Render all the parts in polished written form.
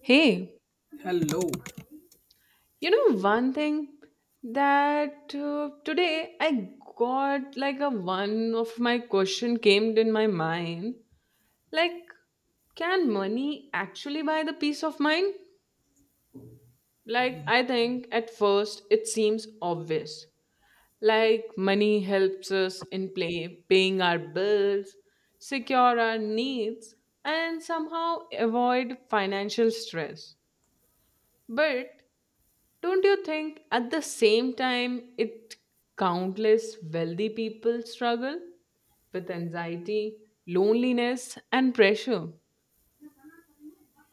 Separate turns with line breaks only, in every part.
Hey,
Hello.
you know one thing that today I got like a one of my question came in my mind like, can money actually buy the peace of mind? Like, I think at first it seems obvious. Like money helps us in play paying our bills, secure our needs, and somehow avoid financial stress. But don't you think at the same time it countless wealthy people struggle with anxiety, loneliness, and pressure?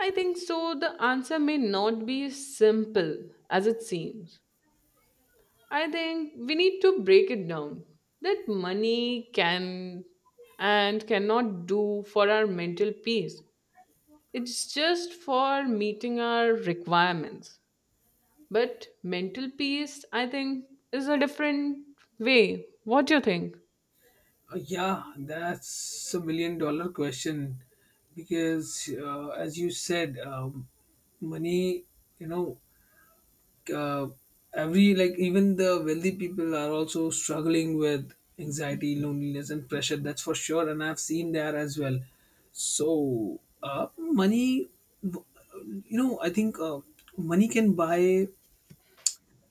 I think so the answer may not be as simple as it seems. I think we need to break it down that money can and cannot do for our mental peace. It's just for meeting our requirements. But mental peace, I think, is a different way. What do you think?
Yeah, that's a million dollar question because, as you said, money, you know, uh, every like even the wealthy people are also struggling with anxiety, loneliness, and pressure. That's for sure. And I've seen that as well. So, money, w- I think money can buy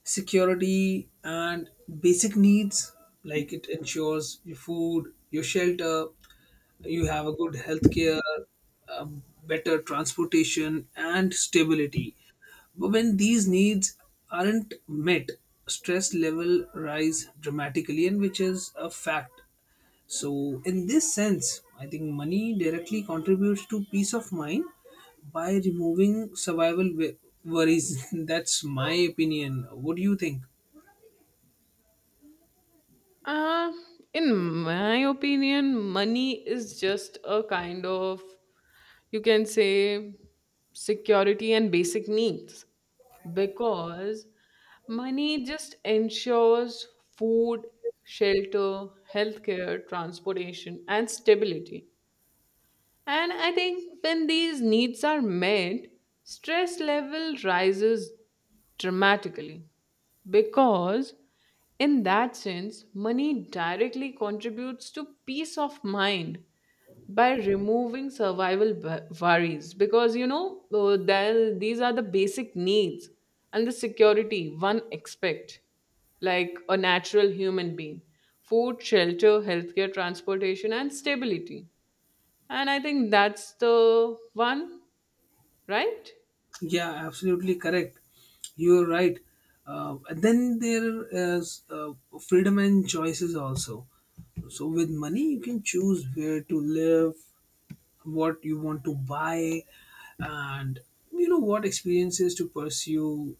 security and basic needs, like it ensures your food, your shelter, you have a good healthcare, better transportation and stability. But when these needs aren't met, stress level rise dramatically, and which is a fact. So, in this sense, I think money directly contributes to peace of mind by removing survival worries. That's my opinion. What do you think?
Uh, in my opinion, money is just a kind of, you can say, security and basic needs, because money just ensures food, shelter, healthcare, transportation, and stability. And I think when these needs are met, stress level rises dramatically, because in that sense money directly contributes to peace of mind by removing survival worries, because you know there, these are the basic needs and the security one expect like a natural human being: food, shelter, healthcare, transportation, and stability. And I think that's the one, right?
Yeah, absolutely correct. You're right. And then there is freedom and choices also. So, with money, you can choose where to live, what you want to buy, and you know what experiences to pursue,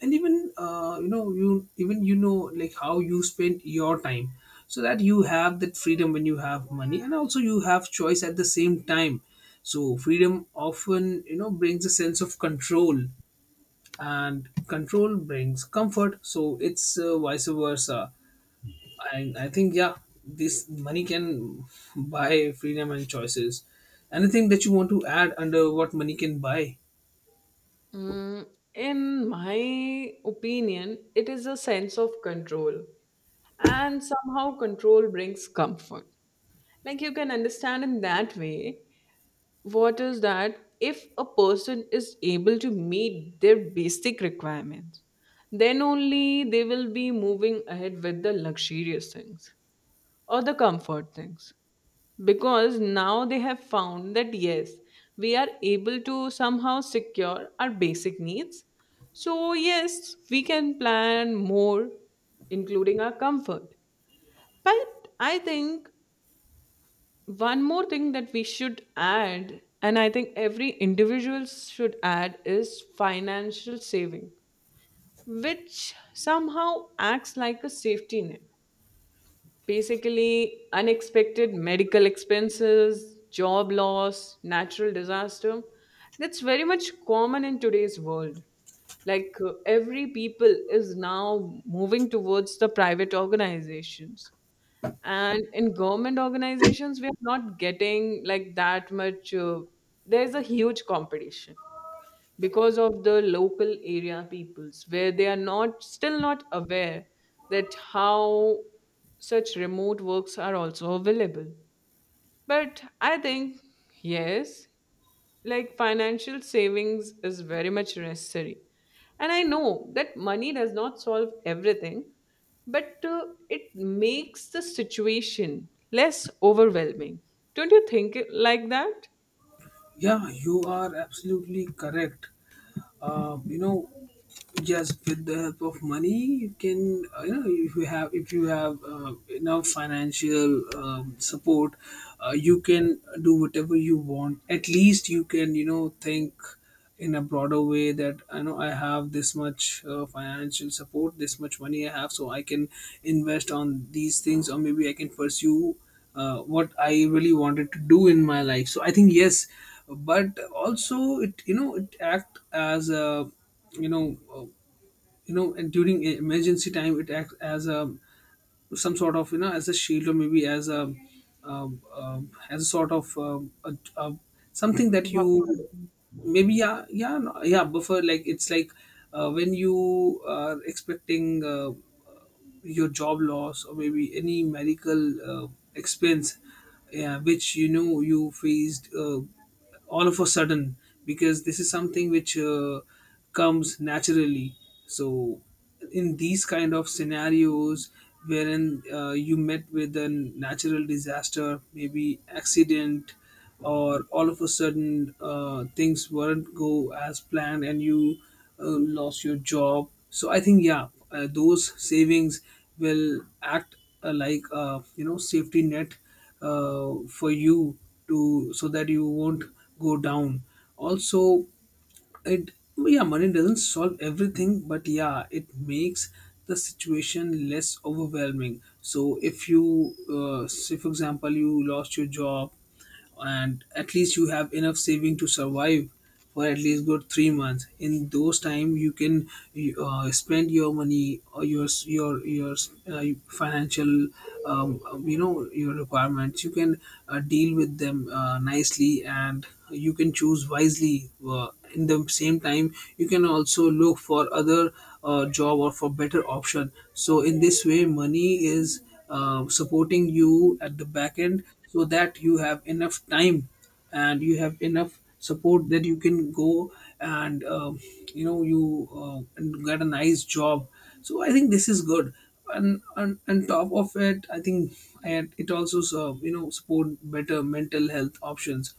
and even you even like how you spend your time, so that you have that freedom when you have money, and also you have choice at the same time. So freedom often, brings a sense of control, and control brings comfort. So it's vice versa. And I think, yeah, this money can buy freedom and choices. Anything that you want to add under what money can buy?
Mm, in my opinion, it is a sense of control, and somehow control brings comfort. Like you can understand in that way what is that, if a person is able to meet their basic requirements, then only they will be moving ahead with the luxurious things or the comfort things, because now they have found that yes, we are able to somehow secure our basic needs, so yes, we can plan more, including our comfort. But I think one more thing that we should add, and I think every individual should add, is financial saving, which somehow acts like a safety net. Basically, unexpected medical expenses, job loss, natural disaster. That's very much common in today's world. Like every people is now moving towards the private organizations. And in government organizations, we are not getting like that much. There's a huge competition because of the local area peoples, where they are not still not aware that how such remote works are also available. But I think yes, like financial savings is very much necessary, and I know that money does not solve everything, but it makes the situation less overwhelming. Don't you think it like that?
Yeah, you are absolutely correct. Uh, you know just with the help of money you can, if you have enough financial support. You can do whatever you want. At least you can, think in a broader way, that I know I have this much financial support, this much money I have, so I can invest on these things, or maybe I can pursue what I really wanted to do in my life. So I think yes, but also it, it act as a, you know uh, and during emergency time, it acts as a some sort of, as a shield or maybe as a sort of something that
Wow.
you maybe. Yeah, yeah. No, yeah, buffer. Like it's like when you are expecting, your job loss or maybe any medical expense, yeah, which you know you faced all of a sudden, because this is something which comes naturally. So in these kind of scenarios, wherein you met with a natural disaster, maybe accident, or all of a sudden, things weren't go as planned, and you lost your job. So I think, yeah, those savings will act like a, safety net for you, to so that you won't go down. Also, it, yeah, money doesn't solve everything, but yeah, it makes the situation less overwhelming. So if you, say for example, you lost your job, and at least you have enough saving to survive for at least good 3 months. In those time, you can spend your money, or your financial, um, your requirements, you can deal with them nicely, and you can choose wisely uh, in the same time. You can also look for other job, or for better option. So in this way, money is supporting you at the back end, so that you have enough time, and you have enough support, that you can go and, you and get a nice job. So I think this is good. And on top of it, I think and it also you know, support better mental health options.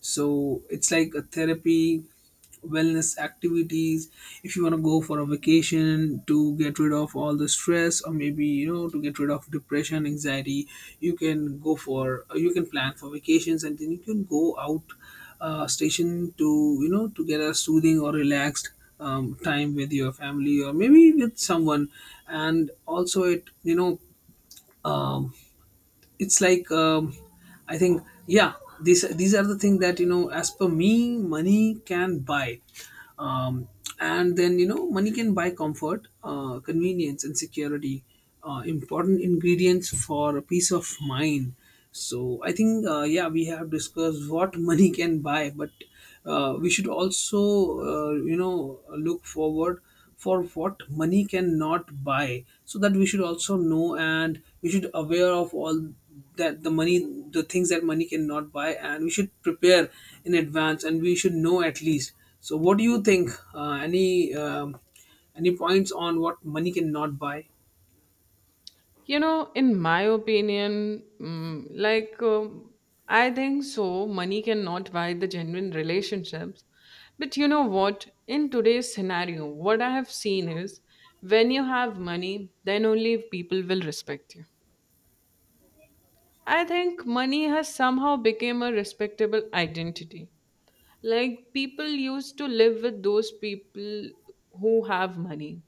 So it's like a therapy, wellness activities. If you want to go for a vacation to get rid of all the stress, or maybe, you know, to get rid of depression, anxiety, you can go for, you can plan for vacations, and then you can go out station, to, you know, to get a soothing or relaxed time with your family or maybe with someone. And also it, um, it's like, I think, yeah, these are the things that, you know, as per me, money can buy. um, and then, you know, money can buy comfort, convenience, and security. Important ingredients for peace of mind. So I think, yeah, we have discussed what money can buy. But we should also, look forward for what money cannot buy, so that we should also know, and we should aware of all, that the money, the things that money cannot buy, and we should prepare in advance, and we should know at least. So what do you think, any, any points on what money cannot buy?
You know, in my opinion, mm, like, I think so, money cannot buy the genuine relationships. But you know what? In today's scenario, what I have seen is, when you have money, then only people will respect you. I think money has somehow become a respectable identity. Like people used to live with those people who have money,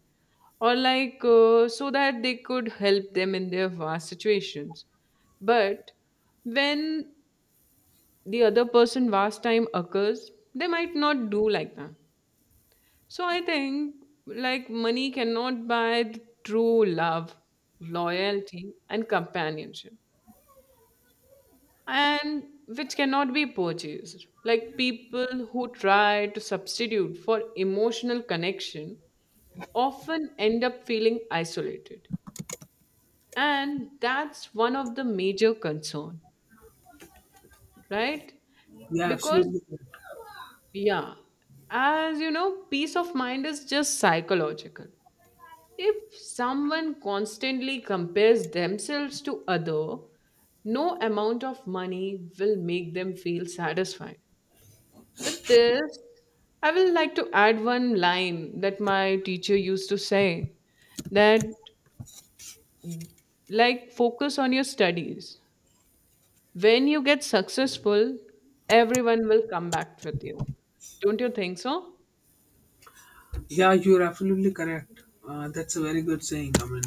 or like, so that they could help them in their vast situations. But when the other person vast time occurs, they might not do like that. So I think like money cannot buy the true love, loyalty, and companionship, and which cannot be purchased. Like people who try to substitute for emotional connection often end up feeling isolated, and that's one of the major concern, right?
Yeah,
Because,
absolutely.
yeah, as you know, peace of mind is just psychological. If someone constantly compares themselves to other, no amount of money will make them feel satisfied with this. I will like to add one line that my teacher used to say, that like, focus on your studies. When you get successful, everyone will come back with you. Don't you think so?
Yeah, you're absolutely correct. That's a very good saying. I mean,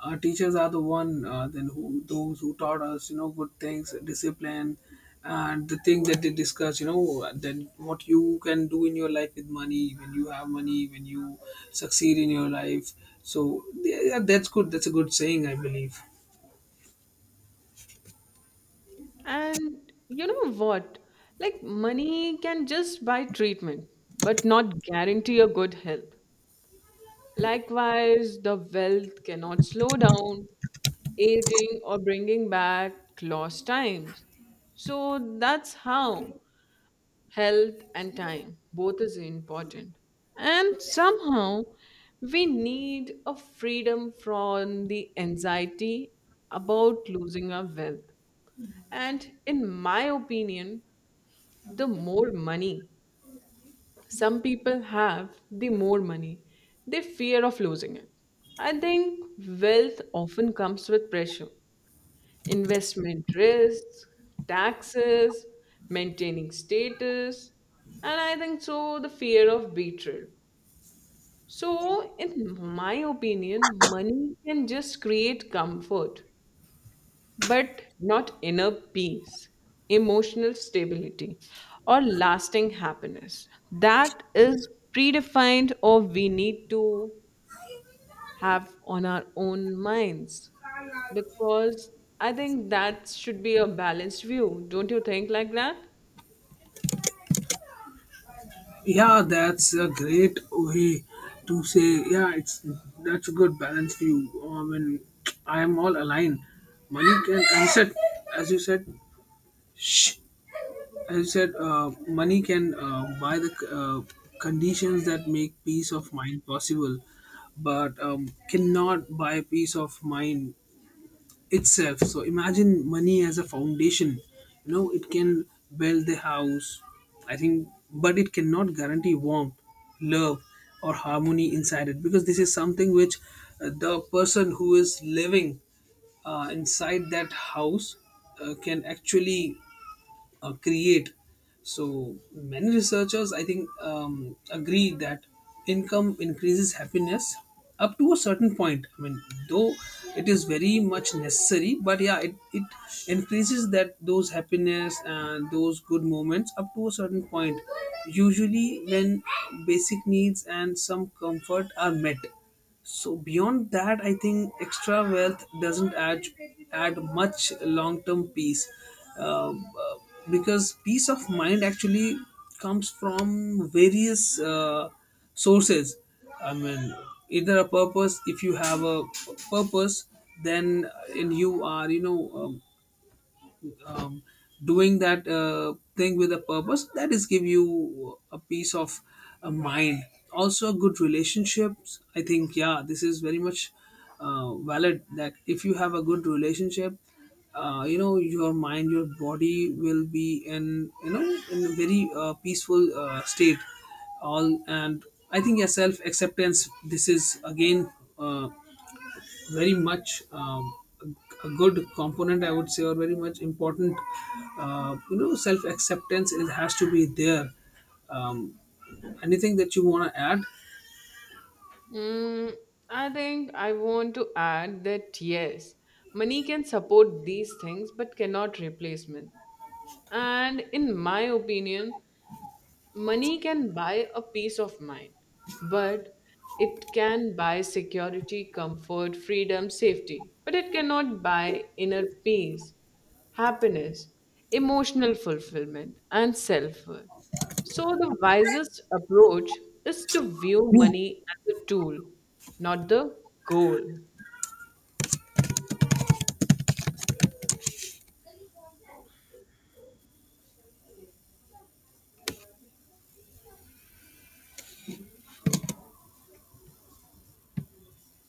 teachers are the one, then who, those who taught us, you know, good things, discipline, and the thing that they discuss, you know, then what you can do in your life with money, when you have money, when you succeed in your life. So yeah, yeah, that's good. That's a good saying, I believe.
And you know what? Like, money can just buy treatment, but not guarantee a good health. Likewise, the wealth cannot slow down aging or bringing back lost times. So that's how. Health and time both is important, and somehow we need a freedom from the anxiety about losing our wealth. And in my opinion, the more money some people have, the more money they fear of losing it. I think wealth often comes with pressure, investment risks, taxes, maintaining status, and I think so the fear of betrayal. So, in my opinion, money can just create comfort, but not inner peace, emotional stability, or lasting happiness. That is predefined, or we need to have on our own minds, because I think that should be a balanced view. Don't you think like that?
Yeah, that's a great way to say. Yeah, it's that's a good balance view. I mean, I am all aligned. Money can, as you said, as you said, money can buy the conditions that make peace of mind possible, but cannot buy peace of mind itself. So imagine money as a foundation. You know, it can build the house, I think, but it cannot guarantee warmth, love, or harmony inside it, because this is something which the person who is living inside that house can actually create. So many researchers, I think, agree that income increases happiness up to a certain point. I mean, though it is very much necessary, but yeah, it increases that those happiness and those good moments up to a certain point. Usually, when basic needs and some comfort are met. So beyond that, I think extra wealth doesn't add much long term peace, uh, uh, because peace of mind actually comes from various sources. I mean, either a purpose. If you have a purpose, then, and you are, um, doing that thing with a purpose, that is give you a peace of mind. Also, good relationships, I think, yeah, this is very much valid. That if you have a good relationship, you know, your mind, your body will be in, you know, in a very peaceful state all. And I think, yeah, self acceptance, this is again uh, very much a good component, I would say, or very much important. You know, self acceptance, it has to be there. um, Anything that you want to add?
Mm, I think I want to add that yes, money can support these things but cannot replacement. And in my opinion, money can buy a peace of mind, but it can buy security, comfort, freedom, safety. But it cannot buy inner peace, happiness, emotional fulfillment, and self worth. So, the wisest approach is to view money as a tool, not the goal.